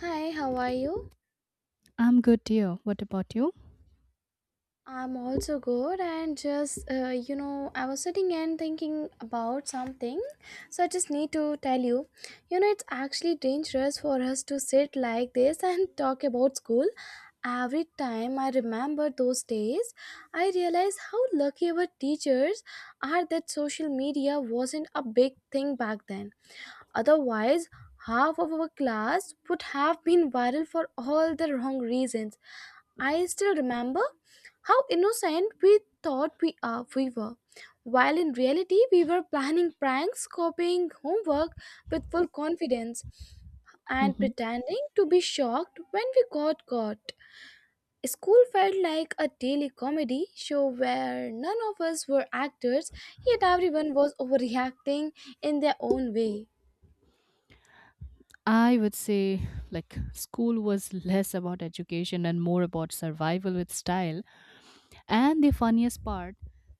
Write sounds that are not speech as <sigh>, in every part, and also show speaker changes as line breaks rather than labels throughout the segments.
Hi, how are you?
I'm good, dear. What about you?
I'm also good, and just I was sitting and thinking about something, so I just need to tell you. It's actually dangerous for us to sit like this <laughs> and talk about school. Every time I remember those days, I realize how lucky our teachers are that social media wasn't a big thing back then. Otherwise, half of our class would have been viral for all the wrong reasons. I still remember how innocent we thought we were, while in reality we were planning pranks, copying homework with full confidence, and
Hmm.
pretending to be shocked when we got caught. School felt like a daily comedy show where none of us were actors, yet everyone was overreacting in their own way.
I would say, like, school was less about education and more about survival with style. And the funniest part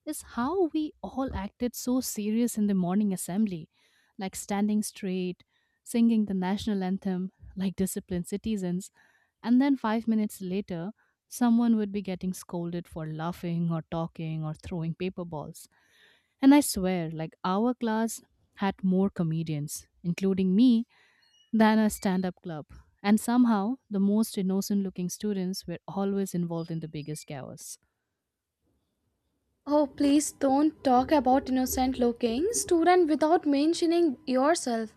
is how we all acted so serious in the morning assembly, like standing straight, singing the national anthem, like disciplined citizens. And then 5 minutes later, someone would be getting scolded for laughing or talking or throwing paper balls. And I swear, like our class had more comedians, including me, than a stand up club. And somehow, the most innocent looking students were always involved in the biggest chaos.
Oh, please don't talk about innocent looking student without mentioning yourself.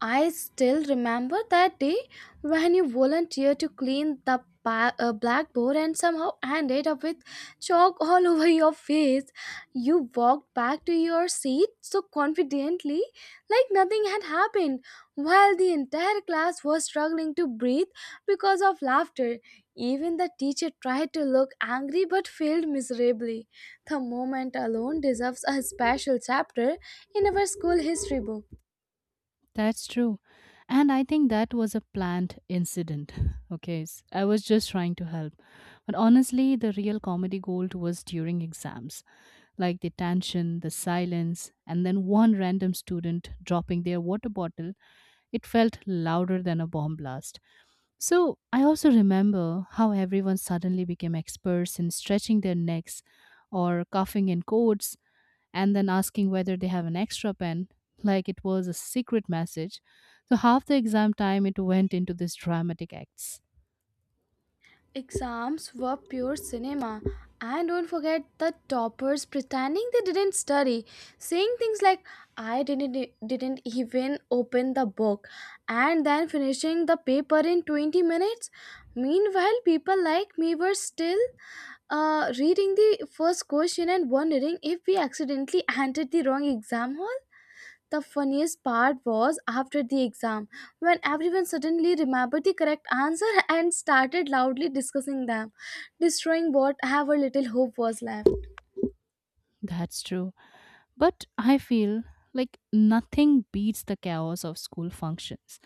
I still remember that day when you volunteered to clean the blackboard and somehow ended up with chalk all <laughs> over your face. You walked back to your seat so confidently, like nothing had happened, while the entire class was struggling to breathe because of laughter. Even the teacher tried to look angry but failed miserably. The moment alone deserves a special chapter in our school history book.
That's true. And I think that was a planned incident. <laughs> Okay, I was just trying to help. But honestly, the real comedy gold was during exams like the tension, the silence, and then one random student dropping their water bottle. It felt louder than a bomb blast. So I also remember how everyone suddenly became experts in stretching their necks or coughing in codes and then asking whether they have an extra pen, like it was a secret message. So half the exam time it went into these dramatic acts.
Exams were pure cinema. And don't forget the toppers pretending they didn't study, saying things like, "I didn't even open the book," and then finishing the paper in 20 minutes. Meanwhile, people like me were still reading the first question and wondering if we accidentally entered the wrong exam hall. The funniest part was after the exam, when everyone suddenly remembered the correct answer <laughs> and started loudly discussing them, destroying whatever little hope was left.
That's true. But I feel like nothing beats the chaos of school functions,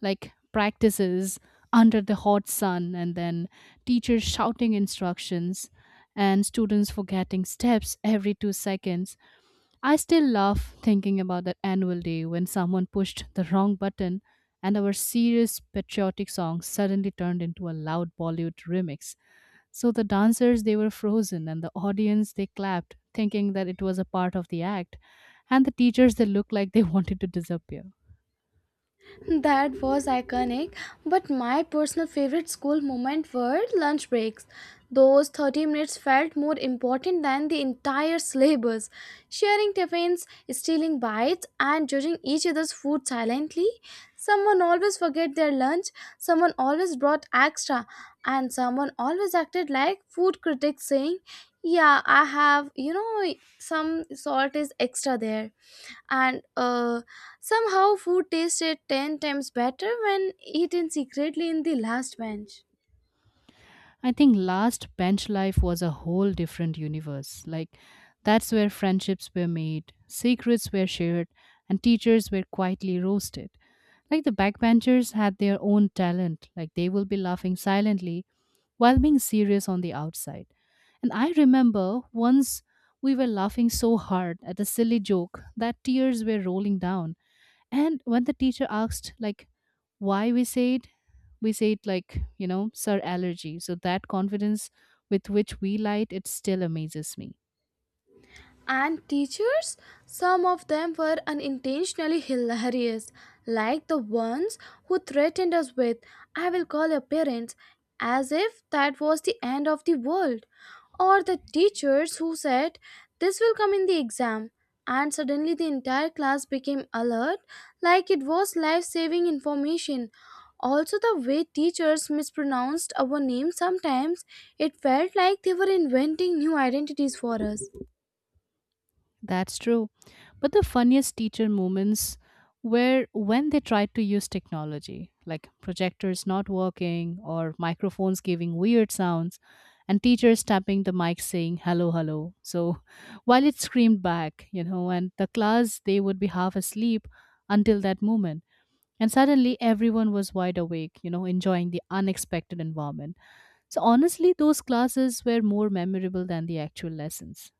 like practices under the hot sun, and then teachers shouting instructions, and students forgetting steps every 2 seconds. I still laugh thinking about that annual day when someone pushed the wrong button and our serious patriotic song suddenly turned into a loud Bollywood remix. So the dancers, they were frozen, and the audience, they clapped, thinking that it was a part of the act. And the teachers, they looked like they <laughs> wanted to disappear.
That was iconic, but my personal favorite school moment were lunch breaks. Those 30 minutes felt more important than the entire syllabus. Sharing tiffins, stealing bites, and judging each other's food silently. Someone always forget their lunch, someone always brought extra, and someone always acted like food critics saying, "Yeah, I have, some salt is extra there." And somehow food tasted 10 times better when eaten secretly in the last bench.
I think last bench life was a whole different universe. Like, that's where friendships were made, secrets were shared, and teachers were quietly roasted. Like, the backbenchers had their own talent, like, they will be laughing silently while being serious on the outside. And I remember once we were laughing so hard at a silly joke that tears were rolling down. And when the teacher asked, like, why we said, like, you know, sir, allergy. So that confidence with which we lied, it still amazes me.
And teachers, some of them were unintentionally hilarious, like the ones who threatened us with "I will call your parents," as if that was the end of the world. Or the teachers who said, "This will come in the exam." And suddenly the entire class became alert, like it was life saving information. Also, the way teachers mispronounced our names sometimes, it felt like they were inventing new identities for us.
That's true. But the funniest teacher moments were when they tried to use technology, like projectors not working or microphones giving weird sounds, and teachers tapping the mic saying hello, hello. So <laughs> while it screamed back, you know, and the class, they would be half asleep until that moment. And suddenly everyone was wide awake, you know, enjoying the unexpected environment. So honestly, those classes were more memorable than the actual lessons.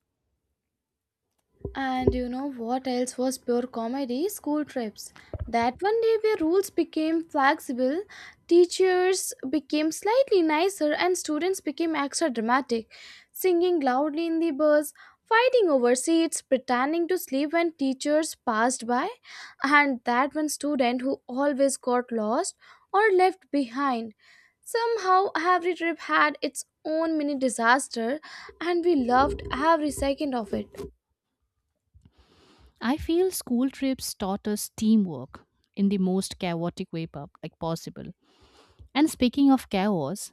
And you know what else was pure comedy? School trips. That one day where rules became flexible, teachers became slightly nicer, and students became extra dramatic, singing loudly in the bus, fighting over seats, pretending to sleep when teachers passed by, and that one student who always got lost or left behind. Somehow, every trip had its own mini disaster, and we loved every second of it.
I feel school trips taught us teamwork in the most chaotic way like possible. And speaking of chaos,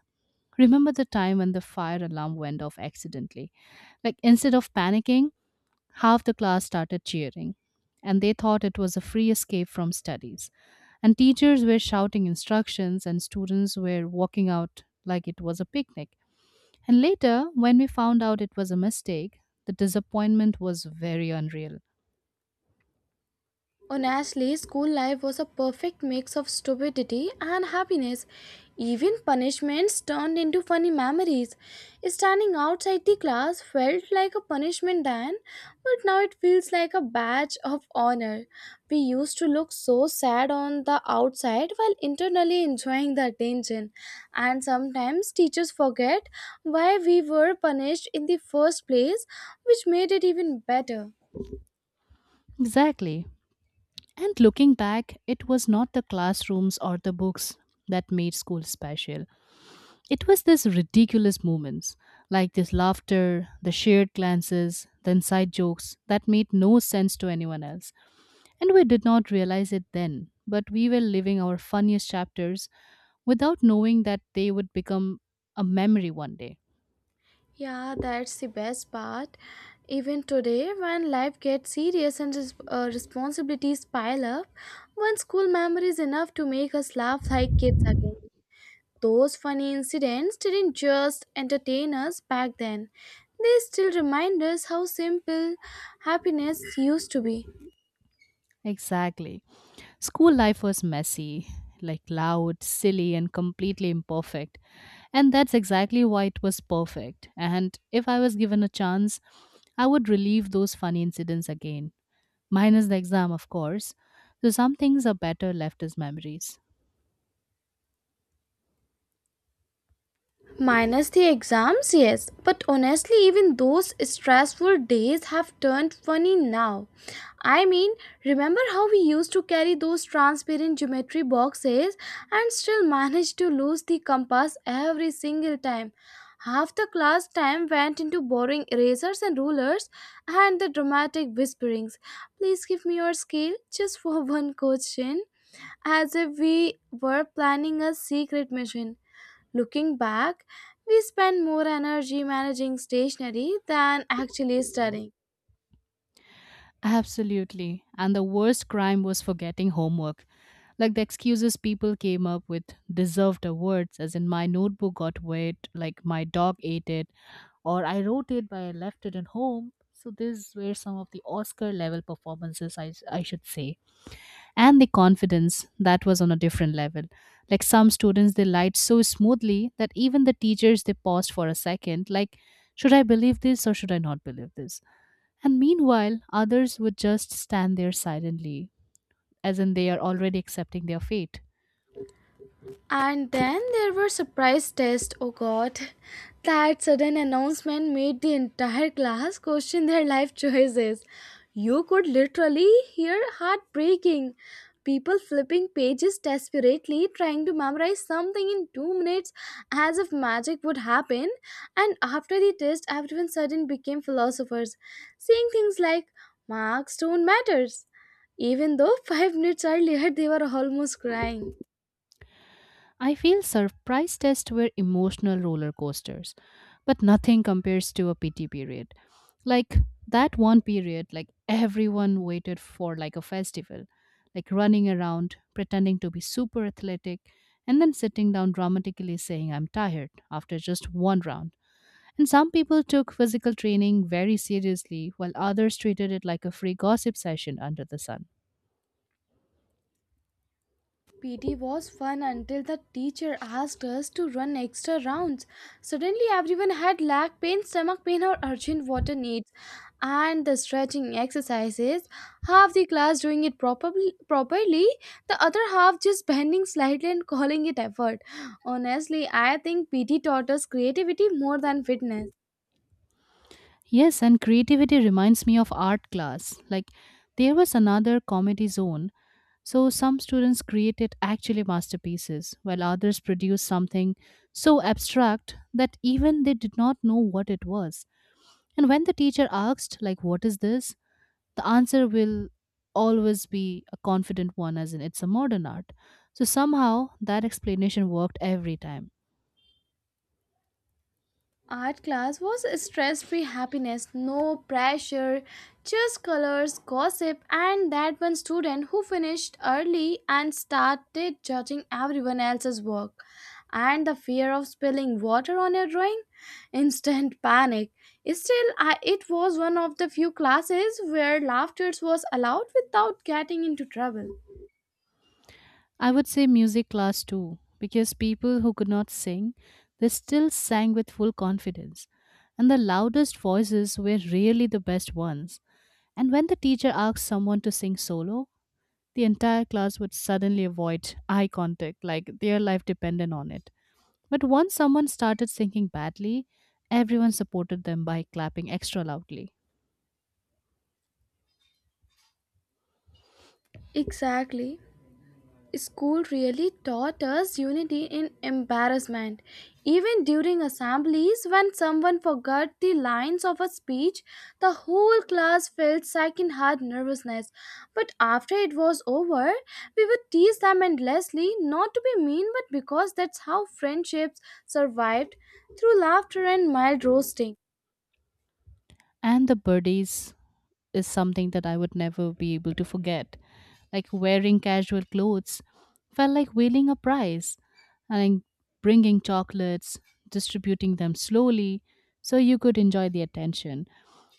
remember the time when the fire alarm went off accidentally? Like instead of panicking, half the class started cheering and they thought it was a free escape from studies. And teachers were shouting instructions and students were walking out like it was a picnic. And later, when we found out it was a mistake, the disappointment was very unreal.
Honestly, school life was a perfect mix of stupidity and happiness. Even punishments turned into funny memories. Standing outside the class felt like a punishment then, but now it feels like a badge of honor. We used to look so sad on the outside while internally enjoying the attention, and sometimes teachers forget why we were punished in the first place, which made it even better.
Exactly. And looking back, it was not the classrooms or the books that made school special. It was these ridiculous moments, like this laughter, the shared glances, the inside jokes that made no sense to anyone else. And we did not realize it then, but we were living our funniest chapters without knowing that they would become a memory one day.
Yeah, that's the best part. Even today, when life gets serious and responsibilities pile up, one school memory is enough to make us laugh like kids again. Those funny incidents didn't just entertain us back then, they still remind us how simple happiness used to be.
Exactly. School life was messy, like loud, silly, and completely imperfect. And that's exactly why it was perfect. And if I was given a chance, I would relive those funny incidents again, minus the exam, of course. So some things are better left as memories.
Minus the exams, yes, but honestly, even those stressful days have turned funny now. I mean, remember how we used to carry those transparent geometry boxes and still manage to lose the compass every single time? Half the class time went into borrowing erasers and rulers and the dramatic whisperings. Please give me your scale just for <laughs> one question, as if we were planning a secret mission. Looking back, we spend more energy managing stationery than actually studying.
Absolutely. And the worst crime was forgetting homework. Like the excuses people came up with deserved awards, as in my notebook got wet, like my dog ate it, or I wrote it but I left it at home. So these were some of the Oscar level performances, I should say. And the confidence that was on a different level. Like some students, they lied so smoothly that even the teachers, they paused for a second. Like, should I believe this or should I not believe this? And meanwhile, others would just stand there silently, as in they are already accepting their fate.
And then there were surprise tests. Oh god. That sudden announcement made the entire class question their life choices. You could literally hear heart breaking. People flipping pages desperately trying to memorize something in 2 minutes as if magic would happen. And after the test everyone suddenly became philosophers, saying things like marks don't matters. Even though <laughs> 5 minutes earlier they were almost crying.
I feel surprise tests were emotional roller coasters, but nothing compares to a PT period. Like that one period, like everyone waited for like a festival, like running around, pretending to be super athletic, and then sitting down dramatically saying, I'm tired after just one round. And some people took physical training very seriously, while others treated it like a free gossip session under the sun.
PT was fun until the teacher asked us to run extra rounds. Suddenly, everyone had leg pain, stomach pain, or urgent water needs. And the stretching exercises, half the class doing it properly, the other half just bending slightly and calling it effort. Honestly, I think PT taught us creativity more than fitness.
Yes, and creativity reminds me of art class. Like, there was another comedy zone, so some students created actually masterpieces, while others produced something so abstract that even they did not know what it was. And when the teacher asked, like, what is this? The answer will always be a confident one, as in it's a modern art. So somehow that explanation worked every time.
Art class was stress free happiness, no pressure, just colors, gossip, and that one student who finished early and started judging everyone else's work. And the fear of spilling water on your drawing? Instant panic. Still, it was one of the few classes where laughter was allowed without getting into trouble.
I would say music class too, because people who could not sing, they still sang with full confidence. And the loudest voices were really the best ones. And when the teacher asked someone to sing solo, the entire class would suddenly avoid eye contact, like their life depended on it. But once someone started singing badly, everyone supported them by clapping extra loudly.
Exactly. School really taught us unity in embarrassment. Even during assemblies, when someone forgot the lines of a speech, the whole class felt second heart nervousness. But after it was over, we would tease them endlessly, not to be mean, but because that's how friendships survived through laughter and mild roasting.
And the birdies is something that I would never be able to forget. Like wearing casual clothes felt like winning a prize and bringing chocolates, distributing them slowly so you could enjoy the attention.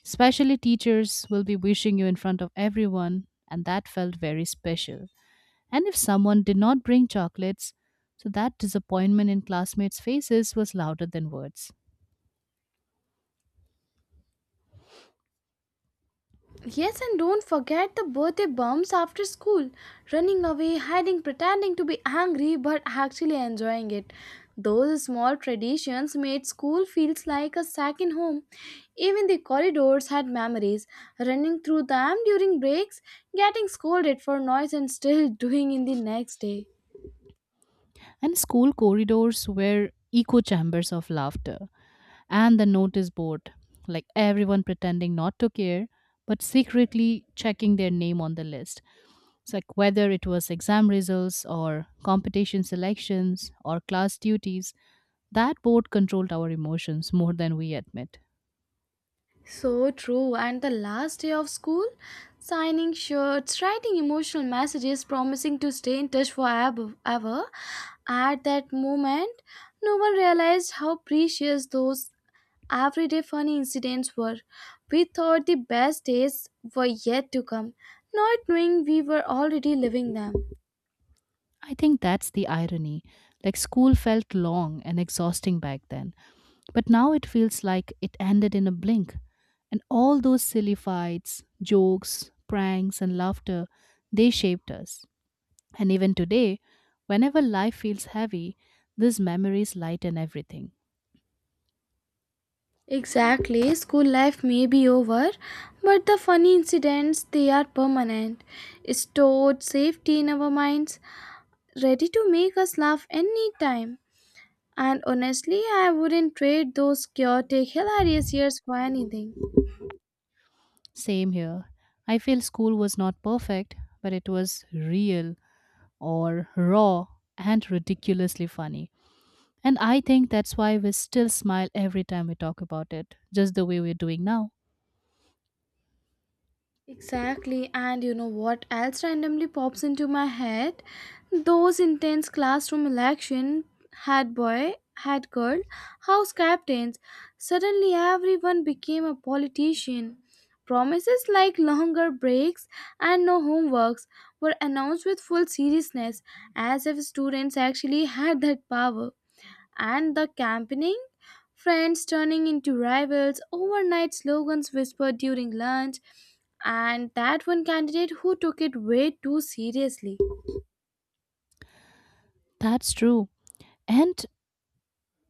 Especially teachers will be wishing you in front of everyone, and that felt very special. And if someone did not bring chocolates, so that disappointment in classmates' faces was louder than words.
Yes, and don't forget the birthday bumps after school. Running away, hiding, pretending to be angry, but actually enjoying it. Those small traditions made school feels like a second home. Even the corridors had memories. Running through them during breaks, getting scolded for noise, and still <laughs> doing in the next day.
And school corridors were echo chambers of laughter. And the notice board, like everyone pretending not to care, but secretly checking their name on the list. It's like whether it was exam results or competition selections or class duties, that board controlled our emotions more than we admit.
So true. And the last day of school, signing shirts, writing emotional messages, promising to stay in touch forever. Ever. At that moment, no one realized how precious those everyday funny incidents were. We thought the best days were yet to come, not knowing we were already living them.
I think that's the irony. Like school felt long and exhausting back then, but now it feels like it ended in a blink. And all those silly fights, jokes, pranks, and laughter, they shaped us. And even today, whenever life feels heavy, these memories lighten everything.
Exactly, school life may be over, but the funny incidents they are permanent, stored safety in our minds, ready to make us laugh any time. And honestly, I wouldn't trade those chaotic, hilarious years for anything.
Same here. I feel school was not perfect, but it was real or raw and ridiculously funny. And I think that's why we still smile every time we talk about it, just the way we're doing now.
Exactly, and you know what else randomly pops into my head? Those intense classroom election, had boy, had girl, house captains. Suddenly, everyone became a politician. Promises like longer breaks and no homeworks were announced with full seriousness, as if students actually had that power. And the campaigning? Friends turning into rivals, overnight slogans whispered during lunch, and that one candidate who took it way too seriously.
That's true. And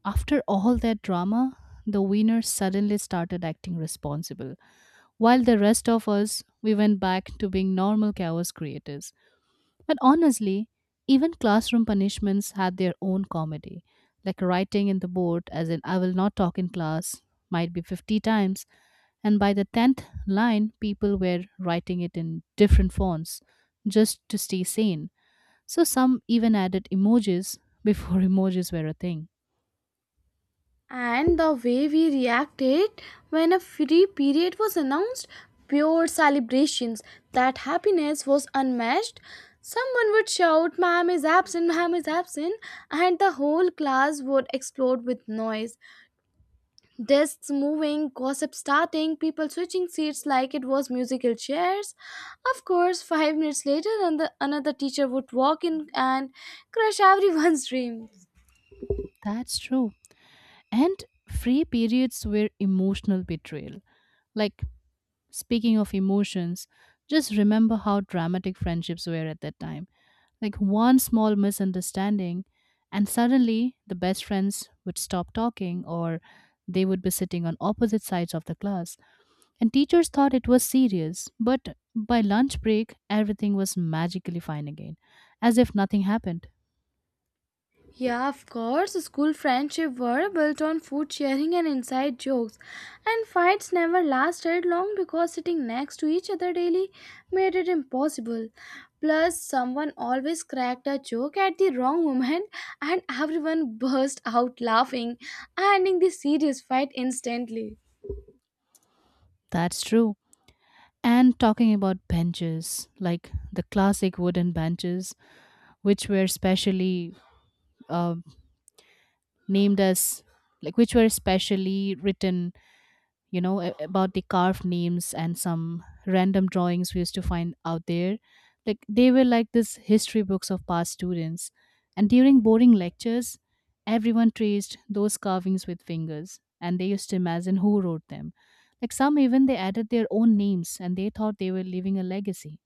after all that drama, the winner suddenly started acting responsible, while the rest of us, we went back to being normal chaos creators. And honestly, even classroom punishments had their own comedy, like writing in the board, as in, I will not talk in class, might be 50 times, and by the 10th line, people were writing it in different fonts just to stay sane. So some even added emojis before <laughs> emojis were a thing.
And the way we reacted when a free period was announced, pure celebrations, that happiness was unmatched. Someone would shout, "Ma'am is absent, ma'am is absent," and the whole class would explode with noise. Desks moving, gossip starting, people switching seats like it was musical chairs. Of course, 5 minutes later, another teacher would walk in and crush <laughs> everyone's dreams.
That's true. And free periods were emotional betrayal. Like speaking of emotions, just remember how dramatic friendships were at that time. Like one small misunderstanding, and suddenly the best friends would stop talking, or they would be sitting on opposite sides of the class. And teachers thought it was serious, but by lunch break, everything was magically fine again, as if nothing happened.
Yeah, of course. School friendship were built on food sharing and inside jokes, and fights never lasted long because sitting next to each other daily made it impossible. Plus, someone always cracked a joke at the wrong moment, and everyone burst out laughing, ending the serious fight instantly.
That's true. And talking about benches, like the classic wooden benches, which were specially uh, named as like which were specially written, you know, about the carved names and some random drawings we used to find out there, like they were like this history books of past students. And during boring lectures, everyone traced those carvings with fingers and they used to imagine who wrote them, like some even they added their own names and they thought they were leaving a legacy.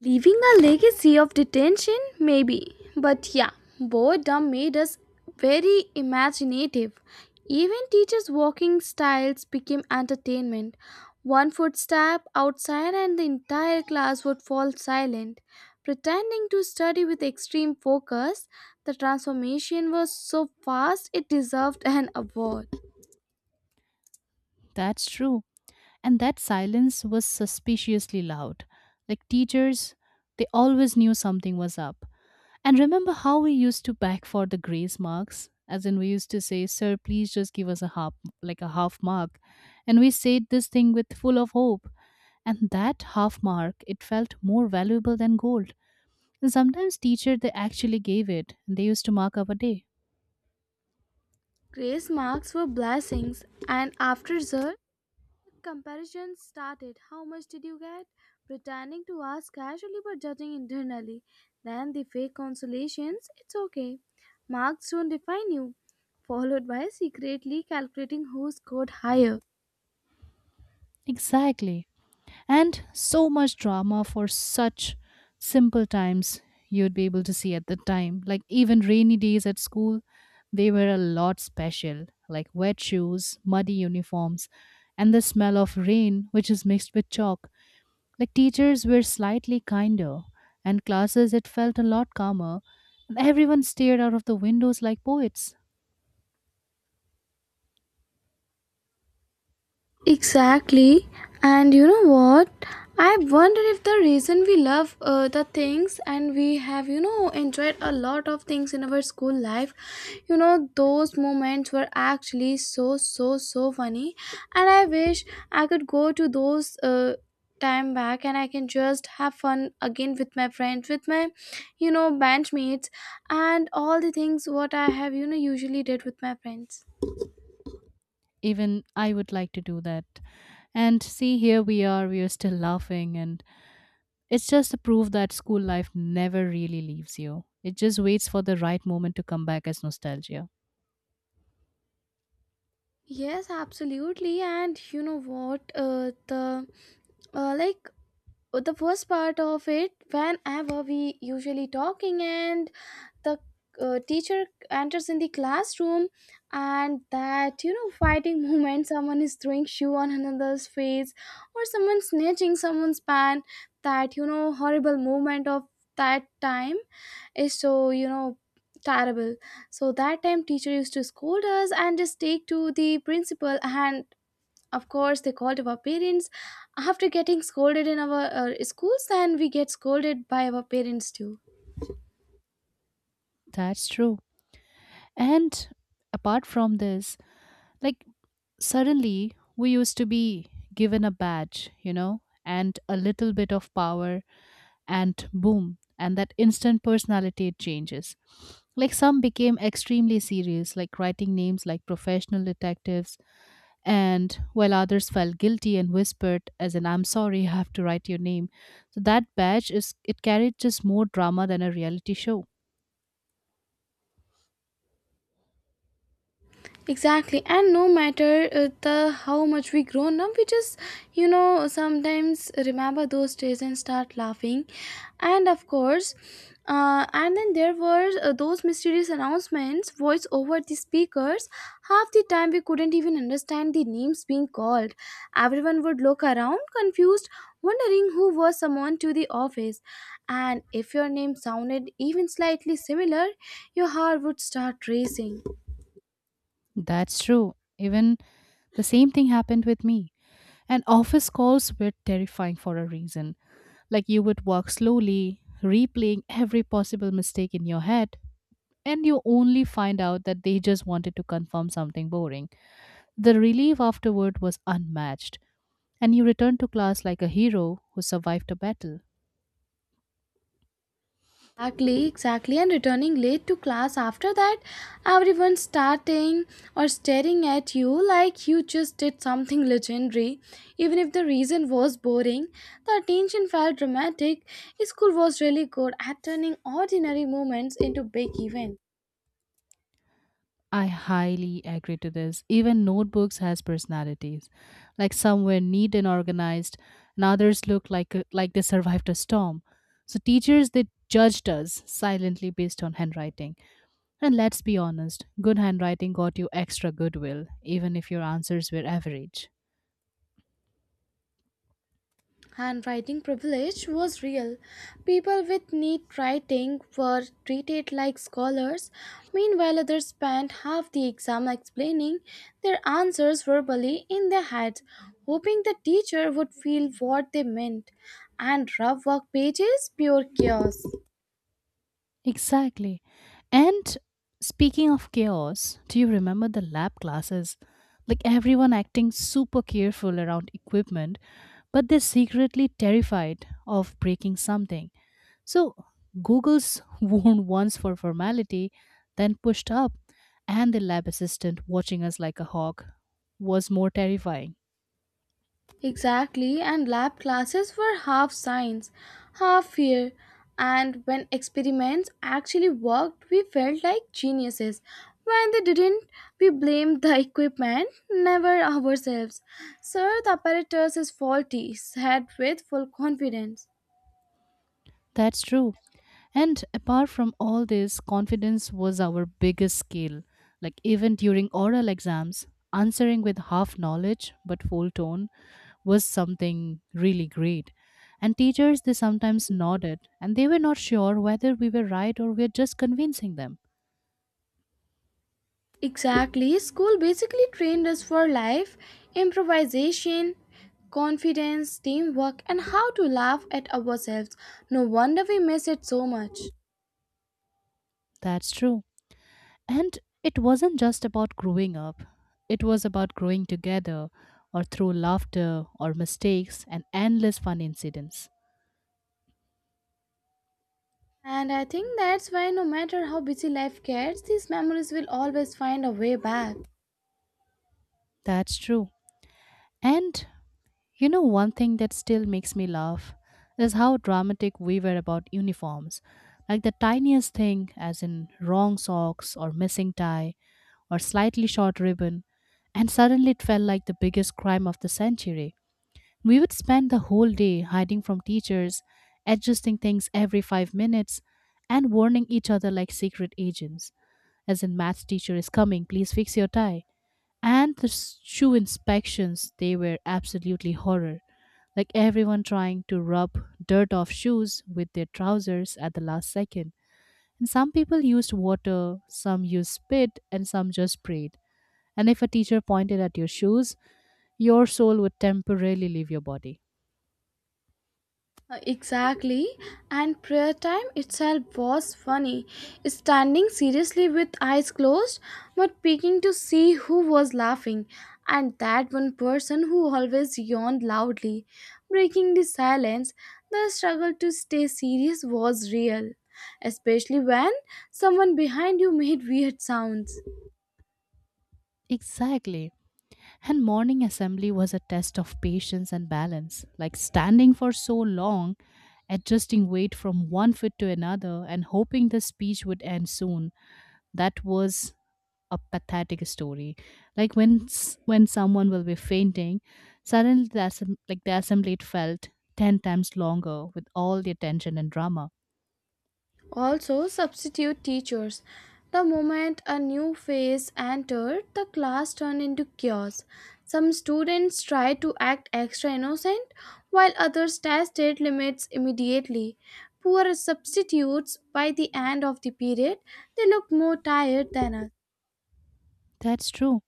Leaving a legacy of detention, maybe. But yeah, boredom made us very imaginative. Even teachers' walking styles became entertainment. One footstep outside, and the entire class would fall silent. Pretending to study with extreme focus, the transformation was so fast it deserved an award.
That's true. And that silence was suspiciously loud. Like teachers, they always knew something was up. And remember how we used to beg for the grace marks? As in, we used to say, sir, please just give us a half, like a half mark. And we said this thing with full of hope. And that half mark, it felt more valuable than gold. And sometimes teacher, they actually gave it. And they used to mark up a day.
Grace marks were blessings, and after that, comparisons started. How much did you get? Pretending to ask casually but judging internally. Then the fake consolations, "It's okay. Marks don't define you." Followed by secretly calculating who scored higher.
Exactly. And so much drama for such simple times you'd be able to see at the time. Like even rainy days at school, they were a lot special, like wet shoes, muddy uniforms, and the smell of rain, which is mixed with chalk. Like teachers were slightly kinder, and classes it felt a lot calmer, and everyone stared out of the windows like poets.
Exactly. And you know what? I wonder if the reason we love the things and we have, enjoyed a lot of things in our school life, those moments were actually so, so, so funny. And I wish I could go to those. Time back, and I can just have fun again with my friends, with my bandmates, and all the things what I have usually did with my friends.
Even I would like to do that. And see, here we are still laughing, and it's just a proof that school life never really leaves you. It just waits for the right moment to come back as nostalgia.
Yes, absolutely. And you know what? Uh, like the first part of it, whenever we usually talking, and the teacher enters in the classroom, and that fighting <laughs> moment, someone is throwing shoe on another's face or someone snatching someone's pan, that horrible moment of that time is so terrible. So that time teacher used to scold us and just take to the principal, and of course they called our parents after getting scolded in our schools, and we get scolded by our parents too.
That's true. And apart from this, like, suddenly we used to be given a badge, you know, and a little bit of power, and boom, and that instant personality it changes. Like some became extremely serious, like writing names like professional detectives, and while others felt guilty and whispered as in, I'm sorry, I have to write your name. So that badge, is it carried just more drama than a reality show?
Exactly, and no matter the how much we grow, now we just sometimes remember those days and start laughing. And of course, and then there were those mysterious announcements voice over the speakers. Half the time we couldn't even understand the names being called. Everyone would look around confused, wondering who was summoned to the office, and if your name sounded even slightly similar, your heart would start racing.
That's true. Even the same thing happened with me, and office calls were terrifying for a reason. Like you would walk slowly replaying every possible mistake in your head, and you only find out that they just wanted to confirm something boring. The relief afterward was unmatched, and you return to class like a hero who survived a battle.
Exactly, exactly, and returning late to class after that, everyone starting or staring at you like you just did something legendary. Even if the reason was boring, the attention felt dramatic. School was really good at turning ordinary moments into big events.
I highly agree to this. Even notebooks has personalities. Like some were neat and organized, and others look like they survived a storm. So teachers, they judged us silently based on handwriting. And let's be honest, good handwriting got you extra goodwill, even if your answers were average.
Handwriting privilege was real. People with neat writing were treated like scholars. Meanwhile, others spent half the exam explaining their answers verbally in their heads, hoping the teacher would feel what they meant. And rough work pages, pure chaos.
Exactly. And speaking of chaos, do you remember the lab classes? Like everyone acting super careful around equipment, but they're secretly terrified of breaking something. So Google's <laughs> warned once for formality, then pushed up, and the lab assistant watching us like a hawk was more terrifying.
Exactly, and lab classes were half science, half fear. And when experiments actually worked, we felt like geniuses. When they didn't, we blamed the equipment, never ourselves. "Sir, the apparatus is faulty," said with full confidence.
That's true. And apart from all this, confidence was our biggest skill. Like even during oral exams, answering with half knowledge but full tone was something really great. And teachers, they sometimes nodded and they were not sure whether we were right or we are just convincing them.
Exactly, school basically trained us for life, improvisation, confidence, teamwork, and how to laugh at ourselves. No wonder we miss it so much.
That's true. And it wasn't just about growing up, it was about growing together, or through laughter or mistakes and endless fun incidents.
And I think that's why, no matter how busy life gets, these memories will always find a way back.
That's true. And you know, one thing that still makes me laugh is how dramatic we were about uniforms. Like the tiniest thing, as in wrong socks or missing tie or slightly short ribbon, and suddenly it felt like the biggest crime of the century. We would spend the whole day hiding from teachers, adjusting things every 5 minutes, and warning each other like secret agents, as in, math teacher is coming, please fix your tie. And the shoe inspections, they were absolutely horror. Like everyone trying to rub dirt off shoes with their trousers at the last second, and some people used water, some used spit, and some just prayed. And if a teacher pointed at your shoes, your soul would temporarily leave your body.
Exactly. And prayer time itself was funny. Standing seriously with eyes closed, but peeking to see who was laughing. And that one person who always yawned loudly, breaking the silence. The struggle to stay serious was real, especially when someone behind you made weird sounds.
Exactly. And morning assembly was a test of patience and balance. Like standing for so long, adjusting weight from one foot to another and hoping the speech would end soon. That was a pathetic story. Like when when someone will be fainting, suddenly like the assembly it felt 10 times longer with all the attention and drama.
Also, substitute teachers. The moment a new phase entered, the class turned into chaos. Some students tried to act extra innocent, while others tested limits immediately. Poor substitutes, by the end of the period, they looked more tired than us.
That's true.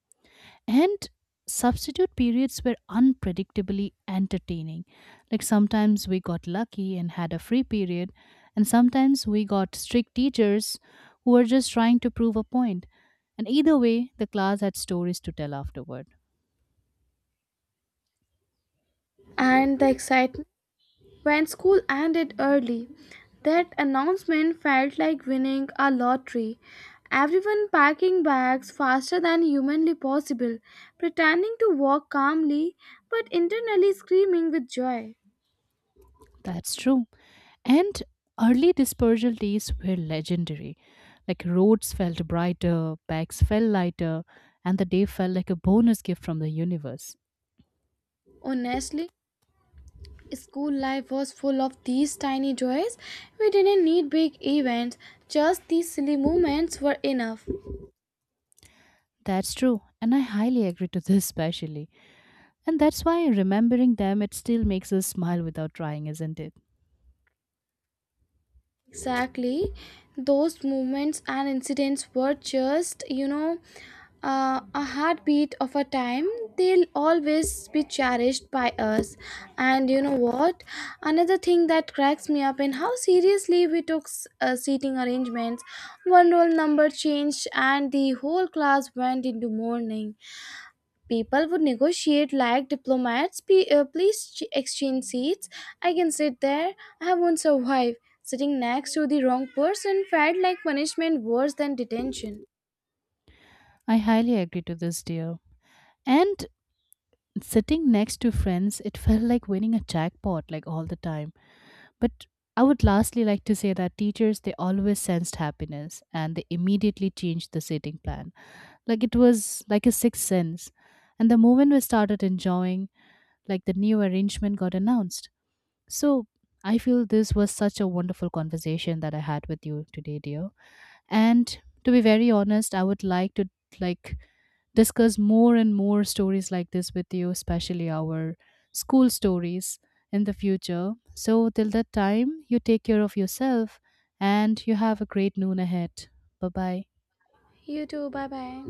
And substitute periods were unpredictably entertaining. Like sometimes we got lucky and had a free period, and sometimes we got strict teachers who were just trying to prove a point. And either way, the class had stories to tell afterward.
And the excitement, when school ended early, that announcement felt like winning a lottery. Everyone packing bags faster than humanly possible, pretending to walk calmly but internally screaming with joy.
That's true. And early dispersal days were legendary. Like roads felt brighter, bags felt lighter, and the day felt like a bonus gift from the universe.
Honestly, school life was full of these tiny joys. We didn't need big events, just these silly moments were enough.
That's true, and I highly agree to this, especially. And that's why remembering them, it still makes us smile without trying, isn't it?
Exactly. Those moments and incidents were just, a heartbeat of a time. They'll always be cherished by us. And you know what? Another thing that cracks me up in how seriously we took seating arrangements. One roll number changed, and the whole class went into mourning. People would negotiate like diplomats. Please exchange seats. I can sit there. I won't survive. Sitting next to the wrong person felt like punishment worse than detention.
I highly agree to this, dear. And sitting next to friends, it felt like winning a jackpot, like all the time. But I would lastly like to say that teachers, they always sensed happiness and they immediately changed the sitting plan, like it was like a sixth sense, and the moment we started enjoying, like, the new arrangement got announced. So I feel this was such a wonderful conversation that I had with you today, dear. And to be very honest, I would like to, like, discuss more and more stories like this with you, especially our school stories, in the future. So till that time, you take care of yourself, and you have a great noon ahead. Bye bye.
You too. Bye bye.